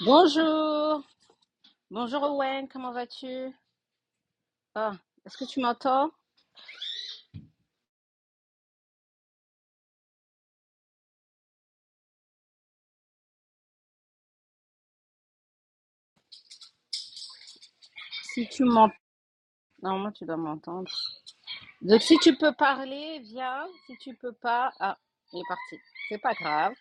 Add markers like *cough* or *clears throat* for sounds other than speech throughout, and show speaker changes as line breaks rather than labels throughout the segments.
Bonjour, bonjour Owen, comment vas-tu? Ah, est-ce que tu m'entends? Si tu m'entends, normalement tu dois m'entendre. Donc si tu peux parler, viens. Si tu peux pas, ah, il est parti. C'est pas grave.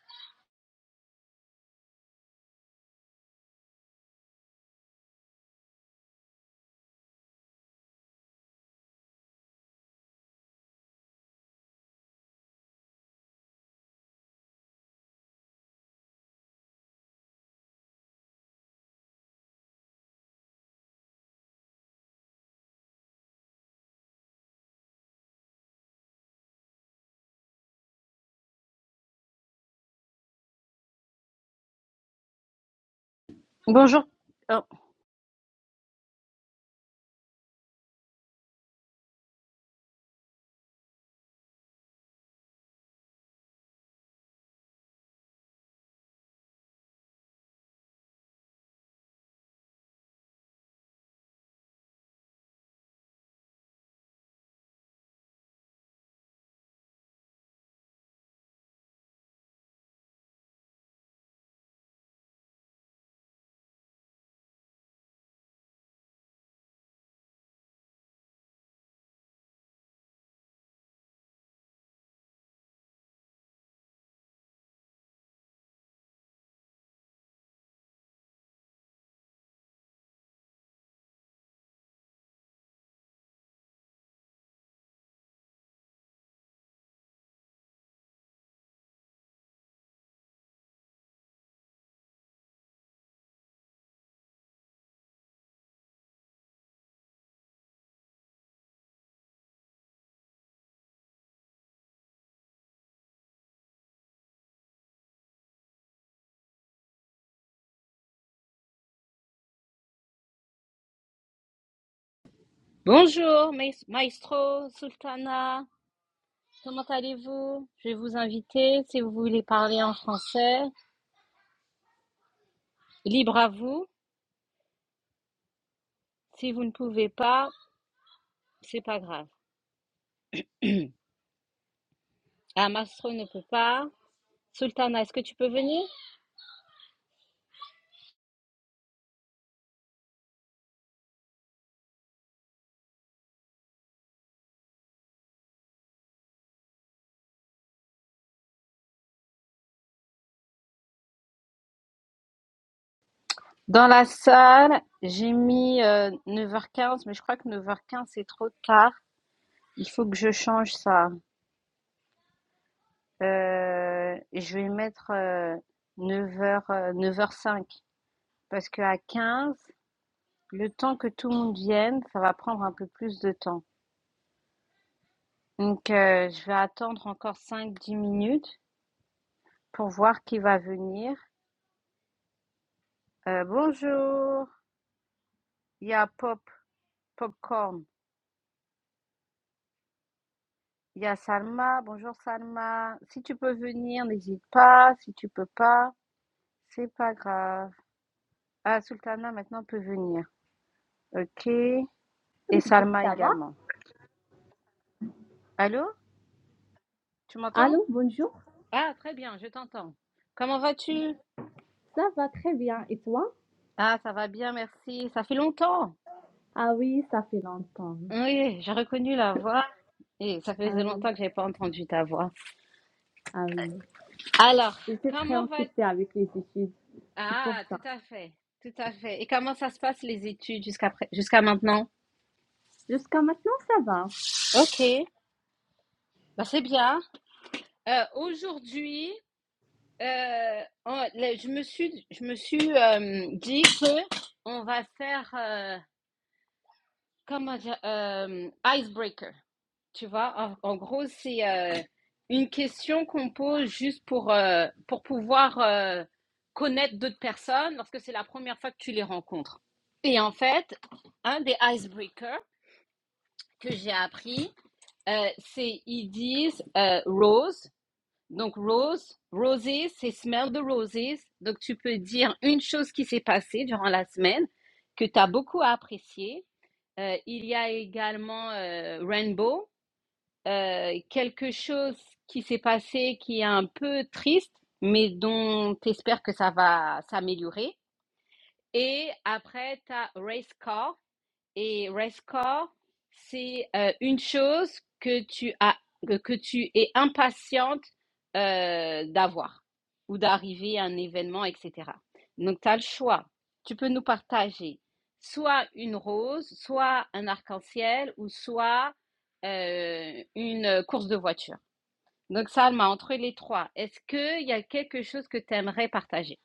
Bonjour. oh, Bonjour, mais- Maestro, Sultana. Comment allez-vous? Je vais vous inviter si vous voulez parler en français. Libre à vous. Si vous ne pouvez pas, c'est pas grave. Ah, Maestro ne peut pas. Sultana, est-ce que tu peux venir? Dans la salle, j'ai mis, heu, 9:15 mais je crois que 9:15 c'est trop tard. Il faut que je change ça. Heu, je vais mettre, heu, 9:00, heu, 9:05 parce que à 15, le temps que tout le monde vienne, ça va prendre un peu plus de temps. Donc, heu, je vais attendre encore cinq dix minutes pour voir qui va venir. Heu, bonjour, il y a Pop Popcorn. Il y a Salma. Bonjour Salma. Si tu peux venir, n'hésite pas. Si tu peux pas, c'est pas grave. Ah, Sultana maintenant peut venir. Ok. Et
Midi,
Salma
Ça va?
également. Allô? Tu m'entends?
Allô, bonjour.
Ah, très bien, je t'entends. Comment vas-tu?
Ça va très bien. Et toi?
Ah, ça va bien, merci. Ça fait longtemps.
Ah oui, ça fait longtemps.
Oui, j'ai reconnu la voix. Et ça
Ah
faisait
oui,
longtemps que j'ai pas entendu ta voix.
ah oui.
Alors,
J'étais très
comment va...
occupée avec les études. C'est pour
Ah,
ça.
tout à fait. Tout à fait. Et comment ça se passe les études jusqu'à pré- jusqu'à maintenant?
Jusqu'à maintenant, ça va.
Ok. Bah, c'est bien. Heu, aujourd'hui, heu, on là, je me suis je me suis, hem, dit que on va faire, heu, comment dire? Hem, ice tu vois? En en gros, c'est, heu, une question qu'on pose juste pour, heu, pour pouvoir, heu, connaître d'autres personnes lorsque c'est la première fois que tu les rencontres et en fait, un des icebreakers que j'ai appris, heu, c'est ils disent, heu, rose Donc rose, roses, c'est smell the roses. Donc tu peux dire une chose qui s'est passée durant la semaine que tu as beaucoup apprécié. Euh, il y a également euh, rainbow, euh, quelque chose qui s'est passé qui est un peu triste, mais dont tu espères que ça va s'améliorer. Et après, tu as race car, et restcore, c'est euh, une chose que tu as, que, que tu es impatiente euh, d'avoir ou d'arriver à un événement, etc. Donc, tu as le choix. Tu peux nous partager soit une rose, soit un arc-en-ciel ou soit euh, une course de voiture. Donc, Salma, entre les trois, est-ce qu'il y a quelque chose que tu aimerais partager?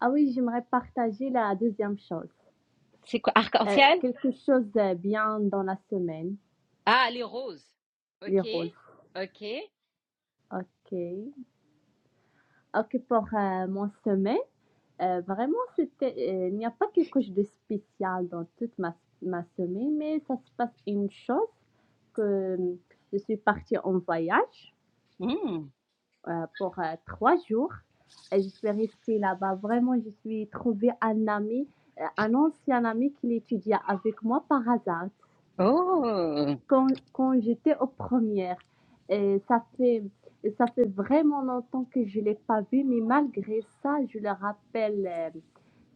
Ah oui, j'aimerais partager la deuxième chose.
C'est quoi?
Euh,
Arc-en-ciel?
quelque chose de bien dans la semaine,
Ah, les roses.
les
OK.
rôles.
OK.
Ok. Ok, pour euh, mon semaine. Heu, vraiment, c'était, heu, il n'y a pas quelque chose de spécial dans toute ma ma semaine, mais ça se passe une chose que, euh, je suis partie en voyage,
Hmm.
heu, pour, heu, 3 jours et je suis restée là-bas. Vraiment, je suis trouvé un ami, heu, un ancien ami qui étudiait avec moi par hasard
Oh!
quand, quand j'étais aux premières. Et ça fait, ça fait vraiment longtemps que je l'ai pas vu, mais malgré ça, je le rappelle, euh,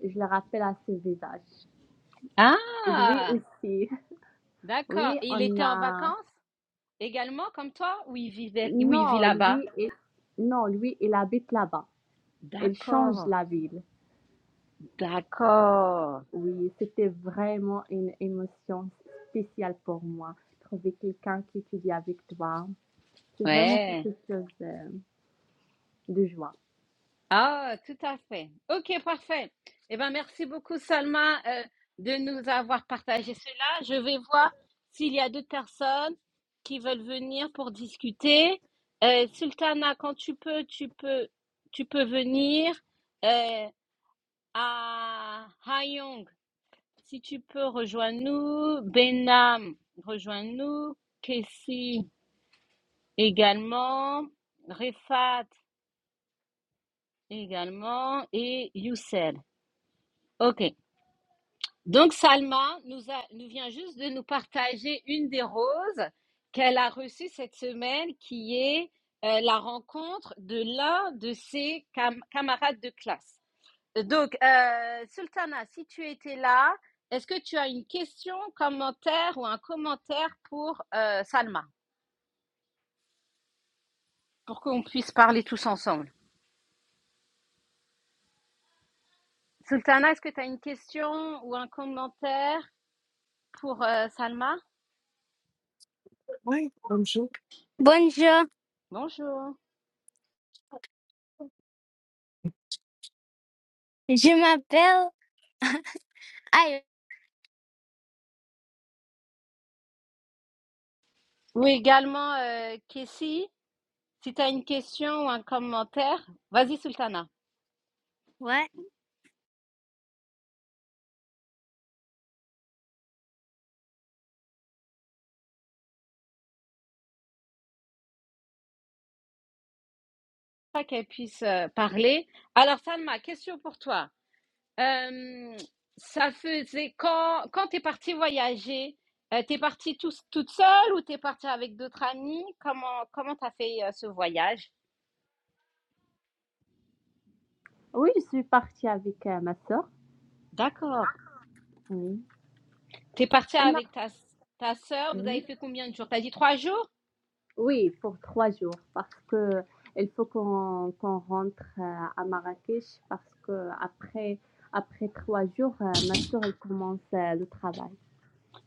je le rappelle à ce visage. Et lui
Ah!
aussi. *laughs*
D'accord.
Oui,
Et il
on
était en vacances
a.
également, comme toi, ou il vivait, ou il vit
Non,
là-bas?
lui, il... non, lui, il habite là-bas. Il change
D'accord.
la ville.
D'accord.
Oui, c'était vraiment une émotion spéciale pour moi. Trouver quelqu'un qui étudie avec toi, c'est vraiment
Ouais.
quelque chose euh, de joie.
Ah, tout à fait. Ok, parfait. Eh ben, merci beaucoup, Salma, euh, de nous avoir partagé cela. Je vais voir s'il y a d'autres personnes qui veulent venir pour discuter. Euh, Sultana, quand tu peux, tu peux, tu peux venir. Euh, à Hayong. Si tu peux, rejoins-nous. Benham, rejoins-nous. Kessie également. Refat également. Et Youssel. OK. Donc, Salma nous, a- nous vient juste de nous partager une des roses qu'elle a reçues cette semaine, qui est euh, la rencontre de l'un de ses cam- camarades de classe. Donc, euh, Sultana, si tu étais là, est-ce que tu as une question, commentaire ou un commentaire pour euh, Salma, pour qu'on puisse parler tous ensemble Sultana, est-ce que tu as une question ou un commentaire pour euh, Salma
Oui, bonjour. Bonjour,
Bonjour.
je m'appelle. Aïe,
Oui, également, euh, Kessie, si tu as une question ou un commentaire, vas-y, Sultana,
what?
pas qu'elle puisse euh, parler. Alors, Salma, question pour toi. Euh, ça faisait quand quand t'es partie voyager, euh, t'es partie tous- toute seule ou t'es partie avec d'autres amis? Comment comment t'as fait euh, ce voyage?
Oui, je suis partie avec, heu, ma sœur,
D'accord.
Oui.
T'es partie
on a
avec ta ta sœur. Vous avez
Oui.
fait combien de jours? T'as dit trois jours?
oui, pour 3 jours parce que il faut qu'on qu'on rentre, heu, à Marrakech parce que après après 3 jours, heu, ma sœur, elle commence, heu, le travail.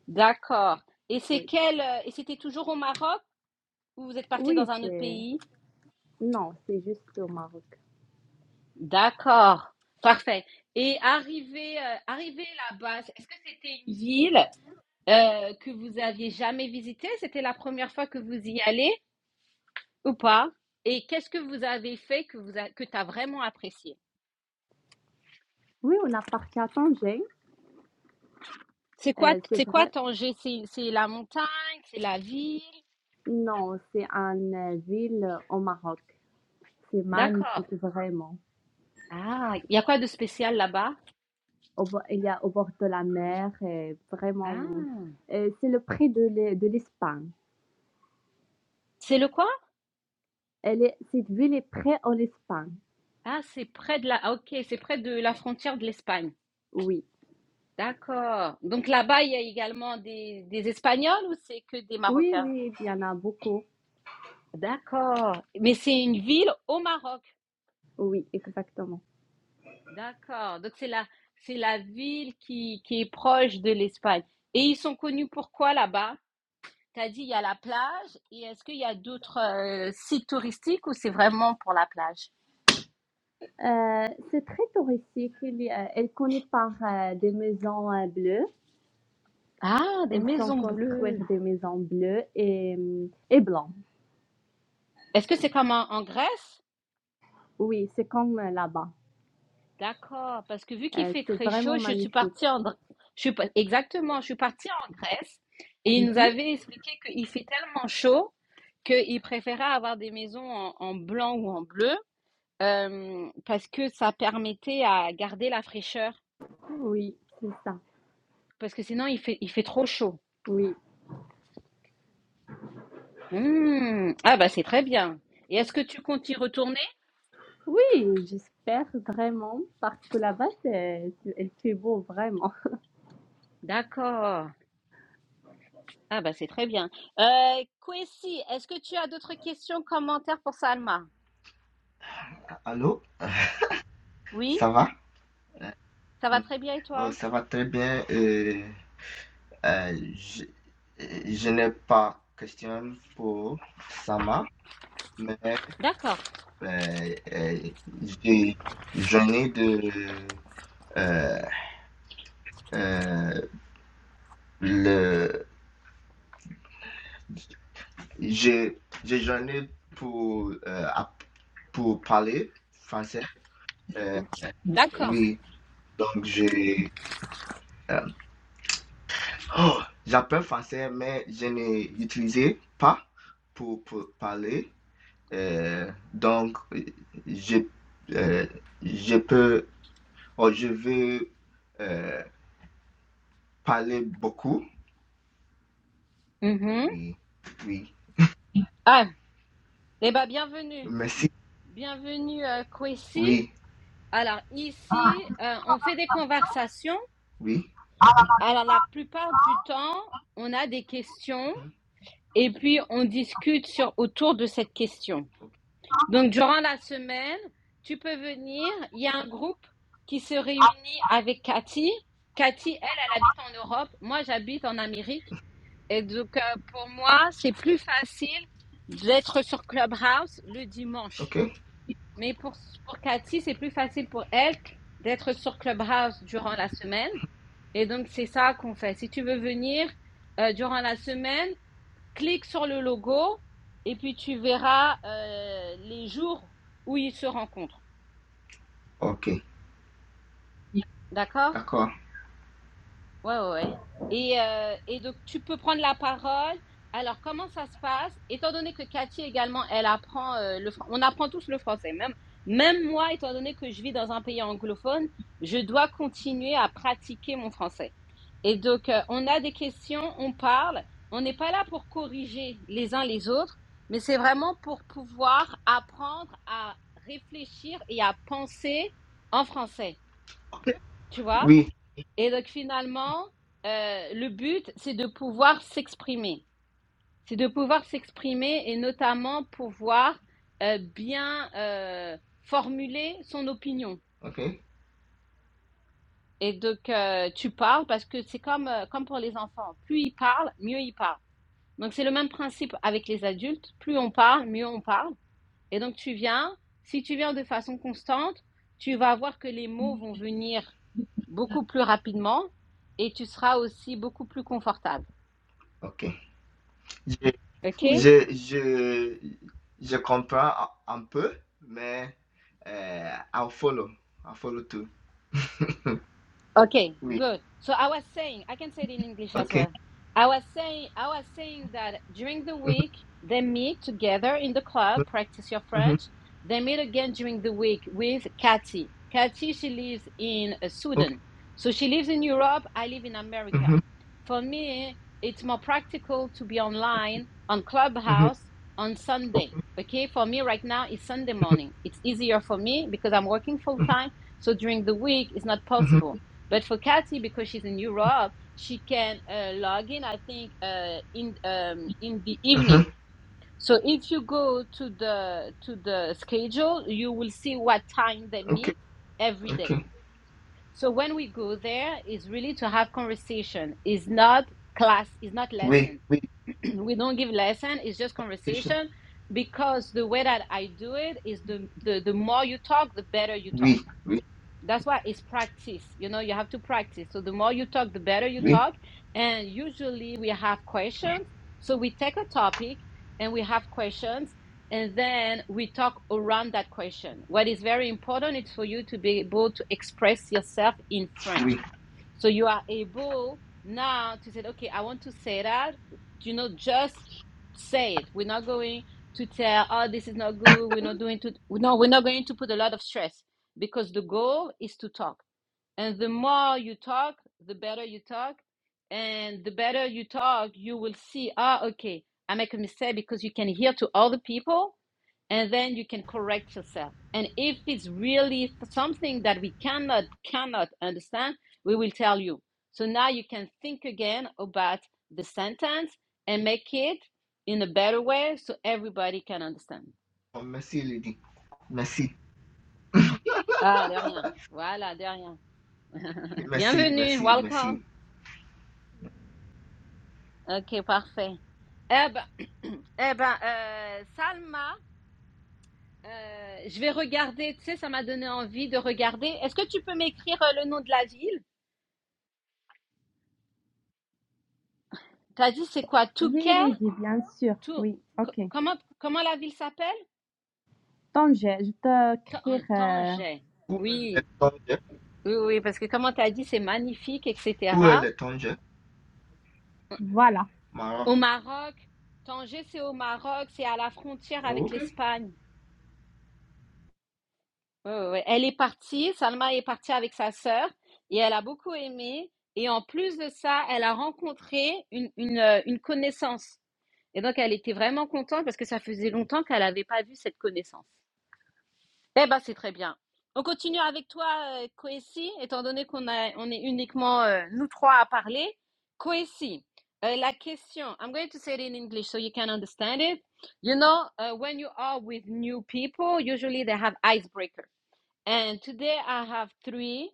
D'accord. Et c'est
Oui.
quel euh, et c'était toujours au Maroc ou vous êtes partie
Oui,
dans un autre
c'est
pays?
non, c'est juste au Maroc.
D'accord. Parfait. Et arrivé euh, arrivé là-bas, est-ce que c'était une ville? euh, que vous aviez jamais visité? C'était la première fois que vous y allez ou pas? Et qu'est-ce que vous avez fait que vous a- que t'as vraiment apprécié?
Oui, on a parti à Tanger,
C'est quoi,
heu, c'est
c'est quoi
vrai
Tanger? C'est, c'est la montagne, c'est la ville?
non, c'est une heu, ville au Maroc. C'est
D'accord.
magnifique, vraiment.
Ah, il y a quoi de spécial là-bas?
Au bo il y a au bord de la mer et
Ah,
vraiment, heu, c'est le près de l'E de l'Espagne.
c'est le quoi?
Elle est cette ville est près en Espagne,
Ah, c'est près de la, ah, ok, c'est près de la frontière de l'Espagne.
oui.
D'accord. Donc là-bas, il y a également des, des Espagnols ou c'est que des
Oui,
Marocains?
oui, il y en a beaucoup.
D'accord. Mais c'est une ville au Maroc.
Oui, exactement.
D'accord. Donc c'est la, c'est la ville qui, qui est proche de l'Espagne. Et ils sont connus pour quoi là-bas? Tu as dit il y a la plage. Et est-ce qu'il y a d'autres euh, sites touristiques ou c'est vraiment pour la plage?
Heu, c'est très touristique, il y a elle connaît par, heu, des maisons, heu, bleues.
Ah, des
Elles sont
maisons
construites
bleues.
des maisons bleues et mmh et blancs.
Est-ce que c'est comme en, en Grèce?
Oui, c'est comme euh, là-bas.
D'accord. Parce que vu qu'il
Heu,
fait
c'est
très chaud,
vraiment
je suis
magnifique.
partie en, Dr- je suis pas- exactement, je suis partie en Grèce et
Mmh
ils nous avaient expliqué qu'il fait tellement chaud qu'ils préféraient avoir des maisons en en blanc ou en bleu. Hem, parce que ça permettait à garder la fraîcheur,
Oui, c'est ça.
parce que sinon il fait il fait trop chaud.
Oui.
Mmh. Ah bah, c'est très bien et est-ce que tu comptes y retourner?
Oui, j'espère vraiment, parce que là-bas, c'est- c'est- elle fait beau, vraiment. *laughs*
D'accord. Ah bah, c'est très bien. Heu, Kwesi, est-ce que tu as d'autres questions, commentaires pour Salma?
Allô,
Oui?
ça va?
Ça va
Mm.
très bien et
Oh,
toi?
ça va très bien. euh, euh, je, euh, je n'ai pas question pour Sama, mais
D'accord,
euh, euh, j'ai- j'en ai de euh, euh, le j'ai j'ai- j'en ai pour euh, app- pour parler français. Euh,
d'accord.
oui, donc j'ai euh, Oh, j'apprends français, mais je n'ai utilisé pas pour, pour parler. Euh, donc, euh, je, euh, je peux, oh, je veux euh, parler beaucoup.
Mmh
Oui, oui.
Ah Eh bah, bienvenue.
Merci.
Bienvenue, heu, Kwesi.
Oui,
Alors ici, heu, on fait des conversations.
oui.
Alors la plupart du temps, on a des questions
Mhm.
et puis on discute sur, autour de cette question. Donc durant la semaine, tu peux venir. Il y a un groupe qui se réunit avec Cathy. Cathy, elle, elle habite en Europe. Moi, j'habite en Amérique. Et donc euh, pour moi, c'est plus facile d'être sur Clubhouse le dimanche.
Ok,
Mais pour, pour Cathy, c'est plus facile pour elle d'être sur Clubhouse durant la semaine. Et donc c'est ça qu'on fait. Si tu veux venir euh, durant la semaine, clique sur le logo et puis tu verras euh, les jours où ils se rencontrent.
ok.
D'accord
D'accord.
Ouais, ouais, ouais. Et, euh, et donc, tu peux prendre la parole. Alors, comment ça se passe? Étant donné que Cathy également, elle apprend euh, le français. On apprend tous le français. Même, même moi, étant donné que je vis dans un pays anglophone, je dois continuer à pratiquer mon français. Et donc, euh, on a des questions, on parle. On n'est pas là pour corriger les uns les autres, mais c'est vraiment pour pouvoir apprendre à réfléchir et à penser en français.
Ok.
Tu vois?
Oui,
Et donc finalement, euh, le but, c'est de pouvoir s'exprimer. C'est de pouvoir s'exprimer et notamment pouvoir euh, bien euh, formuler son opinion.
ok,
Et donc euh, tu parles parce que c'est comme, euh, comme pour les enfants. Plus ils parlent, mieux ils parlent. Donc c'est le même principe avec les adultes. Plus on parle, mieux on parle. Et donc tu viens, si tu viens de façon constante, tu vas voir que les mots vont venir beaucoup plus rapidement et tu seras aussi beaucoup plus confortable.
ok. Je,
okay
Oui,
je, je, je comprends un un peu, mais euh, I'll follow. I'll follow too. *laughs*
Okay,
Oui.
good. So I was saying, I can say it in English as
Okay.
well. I was saying, I was saying that during the week they meet together in the club,
Mhm.
practice your
Mhm.
French. They meet again during the week with Cathy. Cathy, she lives in uh,
Okay.
Sudan, so she lives in Europe. I live in America.
Mhm.
For me, it's more practical to be online on
Mhm.
Clubhouse on
Ok.
Sunday. Okay, for me right now it's Sunday
Mhm.
morning. It's easier for me because I'm working full
Mhm.
time. So during the week it's not
Mhm.
possible. But for Kathy, because she's in Europe, she can uh, log in. I think uh, in um, in the evening.
Mhm.
So if you go to the to the schedule, you will see what time they
Okay.
meet every day.
Okay.
So when we go there, is really to have conversation. Is not class. Is not
Oui,
lesson.
oui.
*clears throat* we don't give lesson. It's just
Conversation.
conversation because the way that I do it is the, the the more you talk, the better you talk
Oui, oui,
that's why it's practice. You know, you have to practice. So the more you talk, the better you
oui,
talk. And usually we have questions. So we take a topic and we have questions and then we talk around that question. What is very important is for you to be able to express yourself in French.
oui.
So you are able now to say, okay, I want to say that. You know, just say it. We're not going to tell, oh, this is not good. We're not doing to. No, we're not going to put a lot of stress because the goal is to talk. And the more you talk, the better you talk. And the better you talk, you will see, ah, okay, I make a mistake because you can hear to other people and then you can correct yourself. And if it's really something that we cannot, cannot understand, We will tell you. So now you can think again about the sentence and make it in a better way so everybody can understand.
Oh, merci, Lydie. Merci.
Ah, de rien. Voilà, de rien. *laughs*
Merci,
Bienvenue,
merci, merci.
welcome. Ok, parfait. Eh ben, *clears throat* eh ben euh, Salma, euh, je vais regarder, tu sais, ça m'a donné envie de regarder. Est-ce que tu peux m'écrire euh, le nom de la ville? T'as dit c'est quoi?
oui,
Touquet?
Lydie, bien sûr.
Tou...
Oui, ok.
Comment, comment la ville s'appelle?
Tanger, je je
Tan-
t'écrire. euh,
Tanger.
Où est le
Oui.
Tanger?
Oui, oui, oui, parce que comment tu as dit, c'est magnifique, etc.
Où est le Tanger?
voilà.
Maroc.
Au Maroc, Tanger, c'est au Maroc, c'est à la frontière avec
Ok.
l'Espagne. Ouais, ouais, ouais. Elle est partie, Salma est partie avec sa sœur et elle a beaucoup aimé. Et en plus de ça, elle a rencontré une, une, euh, une connaissance. Et donc, elle était vraiment contente parce que ça faisait longtemps qu'elle n'avait pas vu cette connaissance. Eh ben, c'est très bien. On continue avec toi, euh, Kwesi, étant donné qu'on a, on est uniquement euh, nous trois à parler. Kwesi, euh, la question, I'm going to say it in English so you can understand it. You know, uh, when you are with new people, usually they have icebreakers. And today I have three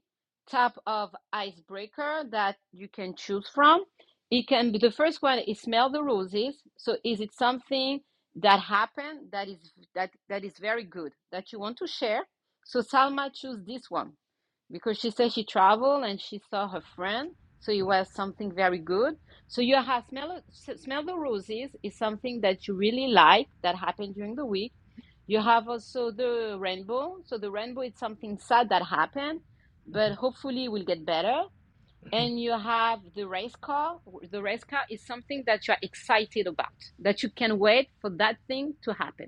type of icebreaker that you can choose from. It can be the first one is smell the roses. So is it something that happened that is that that is very good that you want to share? So Salma choose this one because she said she traveled and she saw her friend so it was something very good so you have smell smell the roses is something that you really like that happened during the week you have also the rainbow so the rainbow is something sad that happened but hopefully it will get better
Mhm.
and you have the race car the race car is something that you are excited about that you can wait for that thing to happen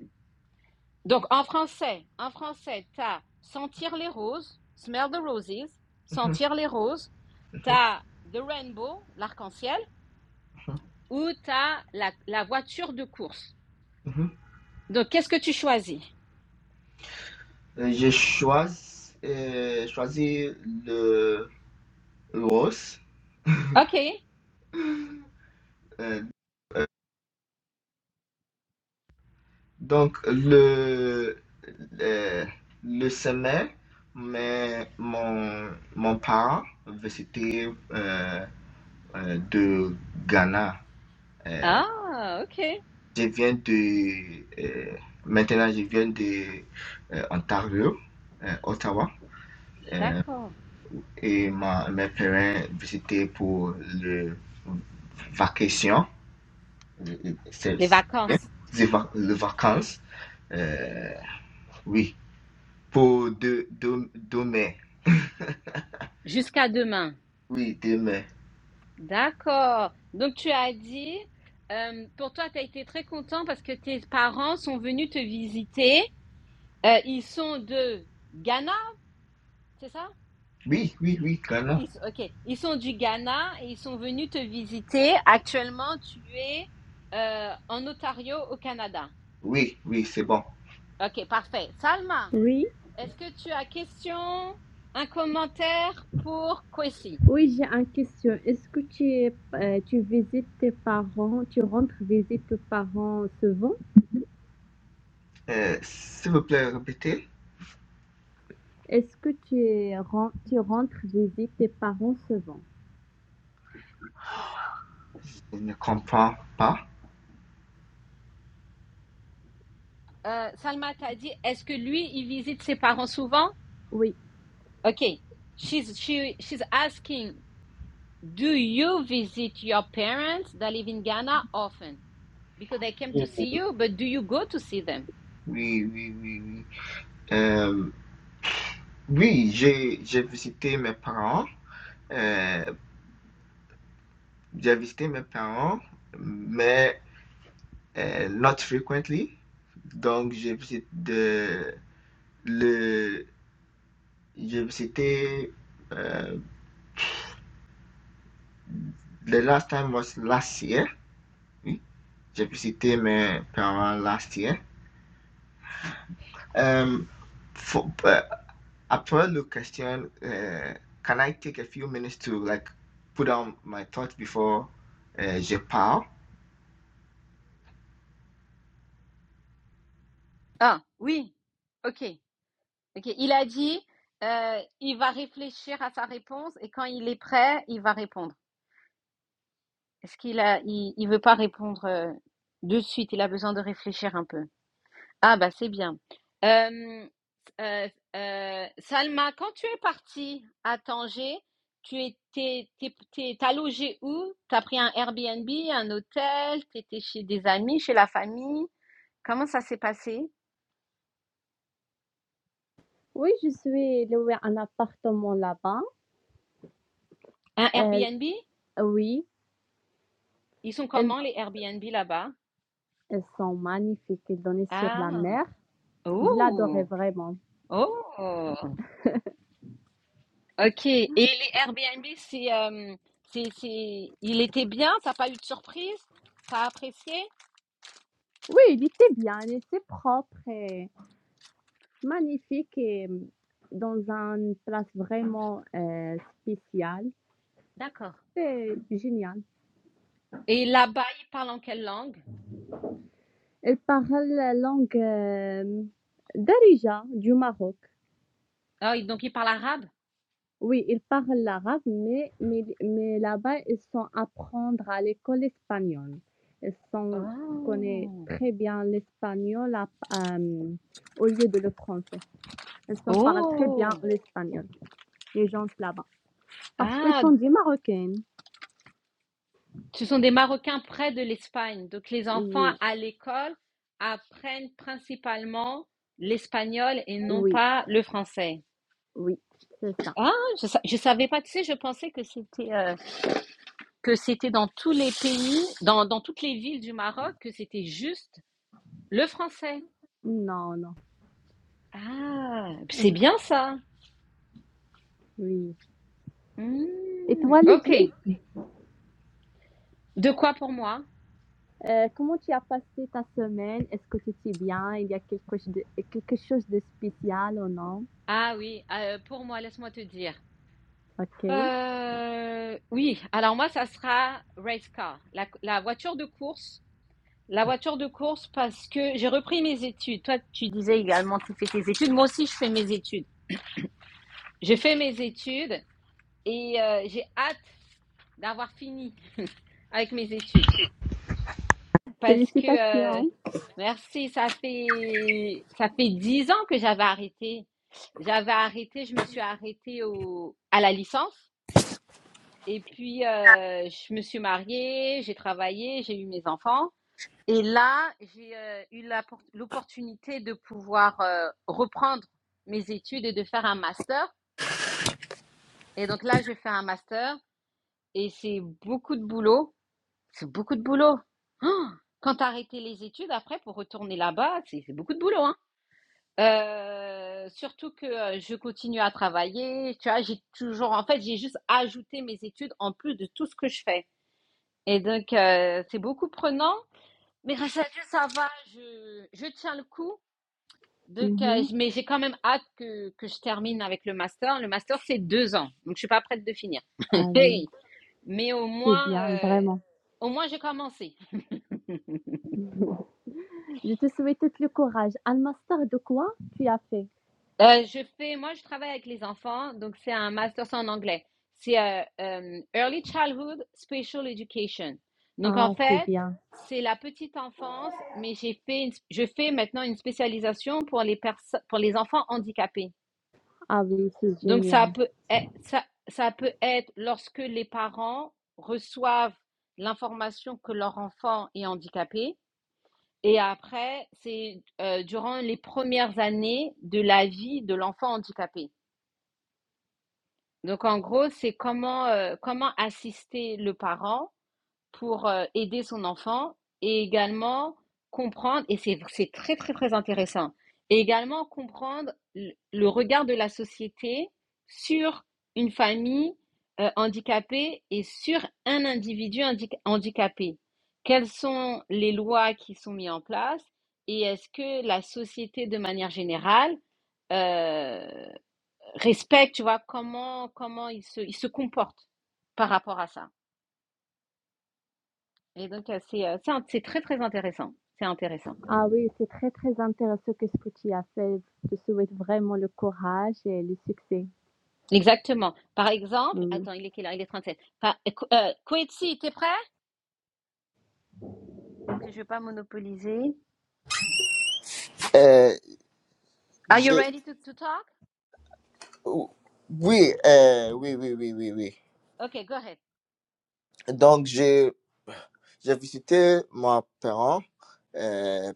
Donc, en français, en français, t'as sentir les roses, smell the roses,
Mhm.
sentir les roses,
Mhm.
t'as the rainbow, l'arc-en-ciel,
mhm.
ou t'as la, la voiture de course.
Mhm.
Donc, qu'est-ce que tu choisis?
Euh, J'ai choisi, euh, choisi le rose.
OK.
euh, Donc, le, le, le sommet, mais mon, mon parent, c'était euh, euh, de Ghana.
Ah, OK.
Je viens de, euh, maintenant, je viens de euh, Ontario, euh, Ottawa,
D'accord.
et ma, mes parents visitaient pour le vacation, le- le- c'est,
Les vacances.
les va- le vacances, euh, oui, pour deux, deux, deux mai,
Jusqu'à demain.
oui, deux mai.
D'accord. Donc, tu as dit, euh, pour toi, tu as été très content parce que tes parents sont venus te visiter. Euh, ils sont de Ghana, c'est ça?
Oui, oui, oui, vraiment.
Ils, ok, ils sont du Ghana et ils sont venus te visiter. Actuellement, tu es euh, en Ontario, au Canada.
Oui, oui, c'est bon.
Ok, parfait. Salma,
Oui,
est-ce que tu as question, un commentaire pour Kwesi?
oui, j'ai une question. Est-ce que tu, euh, tu visites tes parents, tu rentres visite tes parents souvent?
Euh, s'il vous plaît, répétez.
Est-ce que tu, ren- tu rentres visite tes parents souvent?
Je ne comprends pas.
Euh, Salma t'a dit, est-ce que lui, il visite ses parents souvent?
Oui,
Ok, she's, she, she's asking, do you visit your parents that live in Ghana often? because they came to
Oui,
see you, but do you go to see them?
oui, oui, oui. Euh, oui, j'ai j'ai visité mes parents. Euh, j'ai visité mes parents, mais euh, not frequently. Donc, j'ai visité de, le j'ai visité euh, the last time was last year. Oui, j'ai visité mes parents last year. Um, for, uh, after Luke question, uh, can I take a few minutes to like put down my thoughts before uh, je parle?
Ah, oui. Ok. Ok. Il a dit, euh, il va réfléchir à sa réponse et quand il est prêt, il va répondre. Est-ce qu'il a, il, il veut pas répondre euh, de suite, il a besoin de réfléchir un peu. Ah bah c'est bien. Euh, euh, euh, Salma, quand tu es partie à Tanger, tu étais, t'es, t'es- t'as logé où? T'as pris un Airbnb, un hôtel, t'étais chez des amis, chez la famille? Comment ça s'est passé?
oui, je suis louée un appartement là-bas.
Un
Euh,
Airbnb?
oui,
Ils sont comment les Airbnb là-bas?
Elles sont magnifiques, ils donnaient sur
Ah,
la mer. Je l'adorais
oh,
vraiment.
oh, ok. Et les Airbnb, c'est, euh, c'est, c'est, il était bien, t'as pas eu de surprise? T'as apprécié?
Oui, il était bien, il était propre et magnifique et euh, dans une place vraiment euh, spéciale.
D'accord.
C'est génial.
Et là-bas, ils parlent en quelle langue?
Elle parle la langue euh, d'Arija, du Maroc.
Ah, ils- donc ils parlent arabe?
Oui, ils parlent l'arabe, mais, mais, mais là-bas, ils sont à apprendre à l'école espagnole. Ils sont, connaissent
Oh,
très bien l'espagnol à- euh, au lieu de le français. Elles sont- parlent très
oh,
bien l'espagnol, les gens de là-bas. Parce qu'elles
ah,
sont des Marocaines.
ce sont des Marocains près de l'Espagne. Donc les enfants
Oui,
à l'école apprennent principalement l'espagnol et non
oui,
pas le français.
oui, c'est ça.
Ah, je, sa- je savais pas, tu sais, je pensais que c'était euh, que c'était dans tous les pays, dans, dans toutes les villes du Maroc, que c'était juste le français.
Non, non.
Ah, c'est
Euh,
bien ça.
Oui. Et
Hmm,
toi,
ok.
Lydie,
De quoi pour moi?
euh, comment tu as passé ta semaine? Est-ce que tu étais bien? Il y a quelque chose de, quelque chose de spécial ou non?
Ah oui, heu, pour moi, laisse-moi te dire.
Ok.
Heu, oui, alors moi, ça sera race car, la la voiture de course la voiture de course parce que j'ai repris mes études. Toi, tu disais également que tu fais tes études, moi aussi je fais mes études. J'ai fait mes études et heu, j'ai hâte d'avoir fini avec mes études parce que, heu
Félicitations.
merci, ça fait ça fait 10 ans que j'avais arrêté. J'avais arrêté, je me suis arrêtée au à la licence Et puis, heu, je me suis mariée, j'ai travaillé, j'ai eu mes enfants et là, j'ai, heu, eu la por l'opportunité de pouvoir, heu, reprendre mes études et de faire un master et donc là, je fais un master et c'est beaucoup de boulot, c'est beaucoup de boulot. Oh, Quand tu arrêté les études après pour retourner là-bas, c'est c'est beaucoup de boulot, hein. Heu, surtout que, heu, je continue à travailler, tu vois? J'ai toujours en fait, j'ai juste ajouté mes études en plus de tout ce que je fais. Et donc, euh, c'est beaucoup prenant. Mais grâce à Dieu, ça va. Je, je tiens le coup. Donc, euh,
Mhm.
je- mais j'ai quand même hâte que, que je termine avec le master. Le master, c'est deux ans. Donc, je suis pas prête de finir.
Ah oui,
*laughs* mais au
c'est
moins,
bien,
euh,
vraiment.
au moins, j'ai commencé.
Je te souhaite tout le courage. Un master de quoi tu as fait?
Euh, je fais, moi, je travaille avec les enfants, donc c'est un master c'est en anglais. C'est euh, euh, Early Childhood Special Education. Donc
Ah,
en
c'est
fait,
bien.
c'est la petite enfance, mais j'ai fait, une- je fais maintenant une spécialisation pour les perso- pour les enfants handicapés.
Ah oui, c'est
Donc ça
génial.
peut être, ça, ça peut être lorsque les parents reçoivent l'information que leur enfant est handicapé. Et après, c'est euh, durant les premières années de la vie de l'enfant handicapé. Donc en gros, c'est comment, euh, comment assister le parent pour euh, aider son enfant et également comprendre, et c'est c'est très très très intéressant, et également comprendre le, le regard de la société sur une famille euh, handicapée et sur un individu handi- handicapé. Quelles sont les lois qui sont mises en place et est-ce que la société de manière générale euh, respecte, tu vois, comment, comment il se, il se comporte par rapport à ça. Et donc, euh, c'est euh, c'est un- c'est très, très intéressant. C'est intéressant.
Ah oui, c'est très, très intéressant que ce que tu as fait. Je te souhaite vraiment le courage et le succès.
Exactement. Par exemple,
Mm.
attends, il est quelle heure? Il est 37. Par, euh, Ko- euh, Koetsi, t'es prêt? Que je vais pas monopoliser. Are you
J'ai-
ready to, to talk?
Oui, euh, oui, oui, oui, oui, oui.
Ok, go ahead.
Donc, j'ai j'ai visité mon parent euh,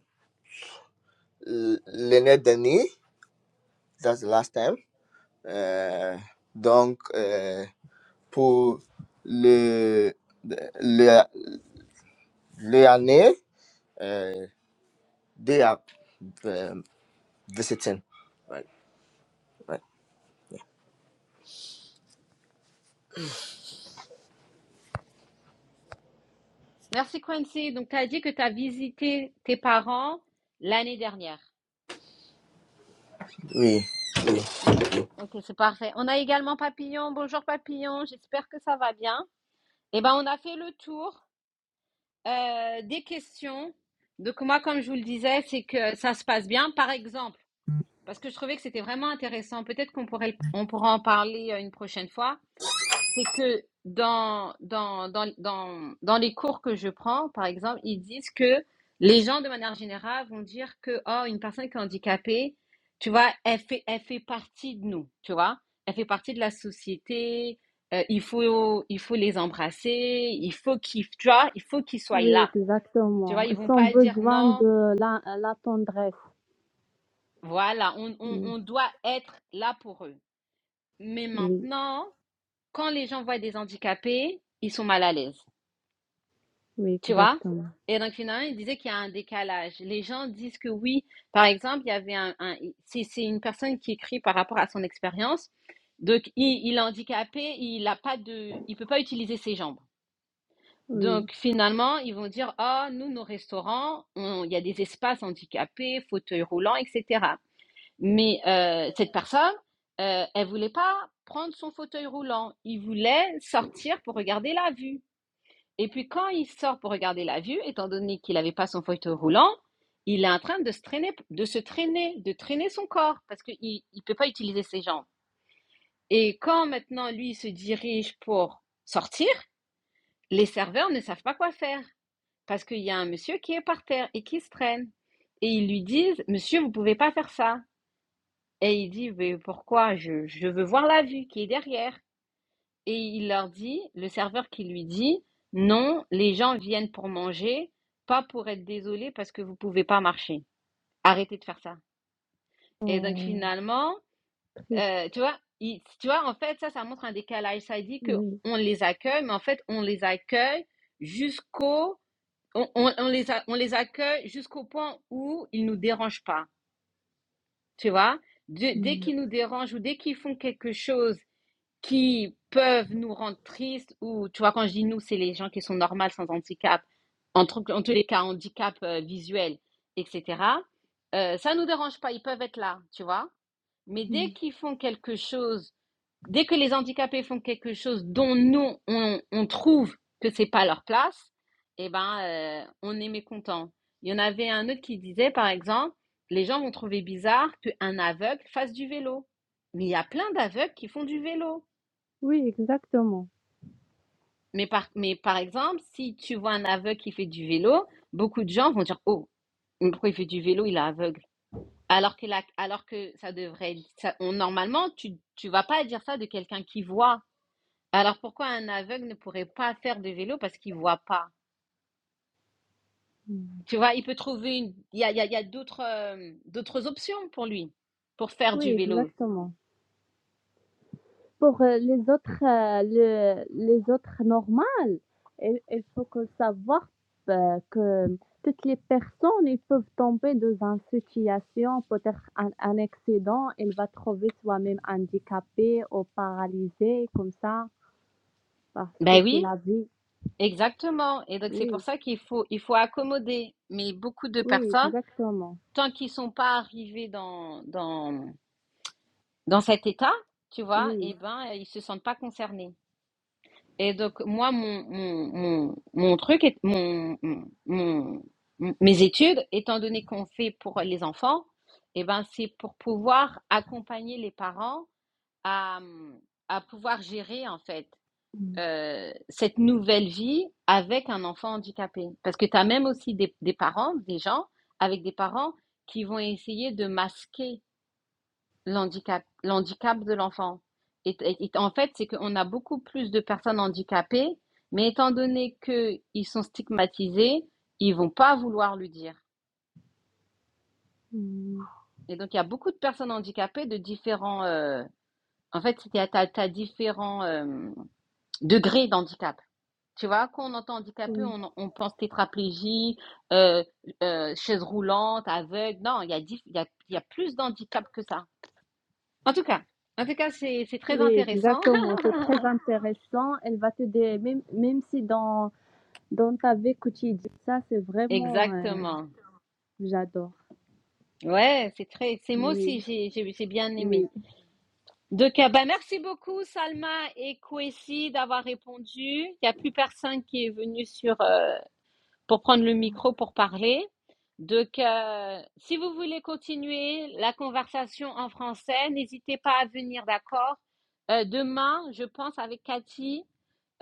l- l'année dernière, that's the last time. Euh, donc, euh, pour le, le, l'année, euh, d'ap-
Merci, Quincy. Donc, tu as dit que tu as visité tes parents l'année dernière. On- Ok, c'est parfait. On a également Papillon. Bonjour, Papillon. J'espère que ça va bien. Eh ben, on a fait le tour. Euh, des questions. Donc moi, comme je vous le disais, c'est que ça se passe bien. Par exemple, parce que je trouvais que c'était vraiment intéressant, peut-être qu'on pourrait, on pourra en parler euh, une prochaine fois, c'est que dans, dans, dans, dans, dans les cours que je prends, par exemple, ils disent que les gens, de manière générale, vont dire que, oh, une personne qui est handicapée, tu vois, elle fait, elle fait partie de nous, tu vois, elle fait partie de la société, euh, il faut, il faut les embrasser, il faut qu'ils, tu vois, il faut qu'ils soient
Oui,
là. Tu vois,
exactement.
ils vont
Ils ont
pas dire
besoin
non,
de la, la tendresse.
voilà, on, on,
Mm.
on doit être là pour eux. Mais
Oui,
maintenant, quand les gens voient des handicapés, ils sont mal à l'aise,
oui,
tu vois?
exactement.
Et donc finalement, ils disaient qu'il y a un décalage. Les gens disent que oui. Par exemple, il y avait un, un- c'est, c'est une personne qui écrit par rapport à son expérience. Donc, il, il est handicapé, il a pas de, il peut pas utiliser ses jambes.
Oui.
Donc finalement, ils vont dire, oh, nous, nos restaurants, on- il y a des espaces handicapés, fauteuils roulants, etc. Mais euh, cette personne, euh, elle voulait pas prendre son fauteuil roulant. Il voulait sortir pour regarder la vue. Et puis quand il sort pour regarder la vue, étant donné qu'il n'avait pas son fauteuil roulant, il est en train de se traîner, de se traîner, de traîner son corps parce qu'il ne peut pas utiliser ses jambes. Et quand maintenant lui il se dirige pour sortir, les serveurs ne savent pas quoi faire parce qu'il y a un monsieur qui est par terre et qui se traîne. Et ils lui disent, monsieur, vous ne pouvez pas faire ça. Et il dit, mais pourquoi? Je, je veux voir la vue qui est derrière. Et il leur dit, le serveur qui lui dit, non, les gens viennent pour manger, pas pour être désolés parce que vous pouvez pas marcher. Arrêtez de faire ça. Et donc
Oh,
finalement,
triste.
euh, tu vois, il- tu vois, en fait, ça, ça montre un décalage. Ça dit que
Oui.
on les accueille, mais en fait, on les accueille jusqu'au, on, on- on les a- on les accueille jusqu'au point où ils nous dérangent pas. Tu vois? Dès dès
Mm.
qu'ils nous dérangent ou dès qu'ils font quelque chose qui peuvent nous rendre tristes ou, tu vois, quand je dis nous, c'est les gens qui sont normales sans handicap, en, tout- en tous les cas, handicap euh, visuel, etc. Euh, ça ne nous dérange pas, ils peuvent être là, tu vois. Mais dès
Mm.
qu'ils font quelque chose, dès que les handicapés font quelque chose dont nous, on, on trouve que c'est pas leur place, eh ben, euh, on est mécontent. Il y en avait un autre qui disait, par exemple, les gens vont trouver bizarre qu'un aveugle fasse du vélo. Mais il y a plein d'aveugles qui font du vélo.
Oui, exactement.
Mais par, mais par exemple, si tu vois un aveugle qui fait du vélo, beaucoup de gens vont dire, Oh, mais pourquoi il fait du vélo, il est aveugle. Alors que, la- alors que ça devrait être- ça- on, normalement, tu ne vas pas dire ça de quelqu'un qui voit. Alors pourquoi un aveugle ne pourrait pas faire de vélo parce qu'il voit pas?
Mm.
Tu vois, il peut trouver une, il y a, il y a- il y a d'autres euh, d'autres options pour lui, pour faire du
Oui,
vélo.
exactement. Pour euh, les autres, euh, le- les autres normales, il, il faut que savoir euh, que toutes les personnes, ils peuvent tomber dans une situation, peut-être un, un accident, il va trouver soi-même handicapé ou paralysé, comme ça, parce que
Ben
c'est
oui,
la vie.
exactement. Et donc c'est pour
Oui,
ça qu'il faut, il faut accommoder. Mais beaucoup de
oui,
personnes
exactement.
tant qu'ils sont pas arrivés dans, dans, dans cet état, tu vois,
Oui.
eh ben, euh, ils se sentent pas concernés. Et donc, moi, mon, mon, mon, mon truc, est, mon, mon, mon- mes études, étant donné qu'on fait pour les enfants, eh ben, c'est pour pouvoir accompagner les parents à, à pouvoir gérer, en fait,
Mm.
euh, cette nouvelle vie avec un enfant handicapé. Parce que tu as même aussi des, des parents, des gens, avec des parents qui vont essayer de masquer L'handicap, l'handicap de l'enfant. Et, et- et en fait, c'est qu'on a beaucoup plus de personnes handicapées, mais étant donné qu'ils sont stigmatisés, ils vont pas vouloir le dire.
Mm.
Et donc, il y a beaucoup de personnes handicapées de différents... euh, en fait, tu as, différents euh, degrés d'handicap. Tu vois, quand on entend handicapé,
Oui,
on, on pense tétraplégie, euh, euh, chaise roulante, aveugle. Non, il y a, dif- il y a, il y a plus d'handicap que ça. En tout cas, en tout cas, c'est c'est très
oui,
intéressant. *laughs*
exactement. C'est très intéressant. Elle va te dire, même, même si dans Dans ta vie quotidienne, ça c'est vraiment, euh,
Exactement.
j'adore.
Ouais, c'est très. C'est moi aussi,
Oui,
j'ai j'ai j'ai bien aimé.
oui.
Donc, euh, ben, merci beaucoup, Salma et Kwesi, d'avoir répondu. Il n'y a plus personne qui est venu sur, euh, pour prendre le micro pour parler. Donc, euh, si vous voulez continuer la conversation en français, n'hésitez pas à venir, d'accord? Euh, demain, je pense, avec Cathy,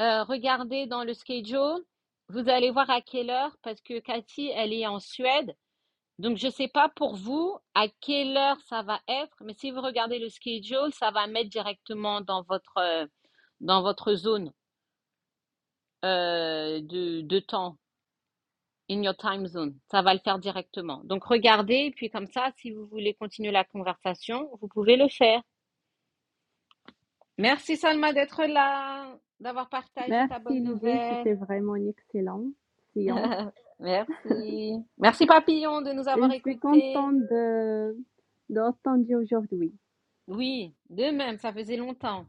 euh, regardez dans le schedule. Vous allez voir à quelle heure, parce que Cathy, elle est en Suède. Donc, je ne sais pas pour vous à quelle heure ça va être, mais si vous regardez le schedule, ça va mettre directement dans votre, euh, dans votre zone euh, de, de temps, in your time zone. Ça va le faire directement. Donc, regardez, et puis comme ça, si vous voulez continuer la conversation, vous pouvez le faire. Merci Salma d'être là, d'avoir partagé ta
Merci
bonne
Lydie,
nouvelle.
c'était vraiment une excellente séance.
*laughs* Merci. Merci Papillon de nous
Et
avoir
je suis
écoutés.
contente de, de t'entendre aujourd'hui.
Oui, de même, ça faisait longtemps.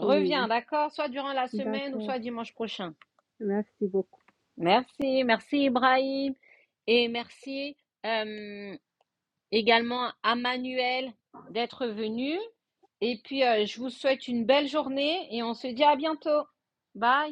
Oui,
d'accord? Soit durant la semaine ou
d'accord.
soit dimanche prochain.
Merci beaucoup.
Merci, merci Ibrahim. Et merci euh, également à Manuel d'être venu. Et puis, euh, je vous souhaite une belle journée et on se dit à bientôt. Bye.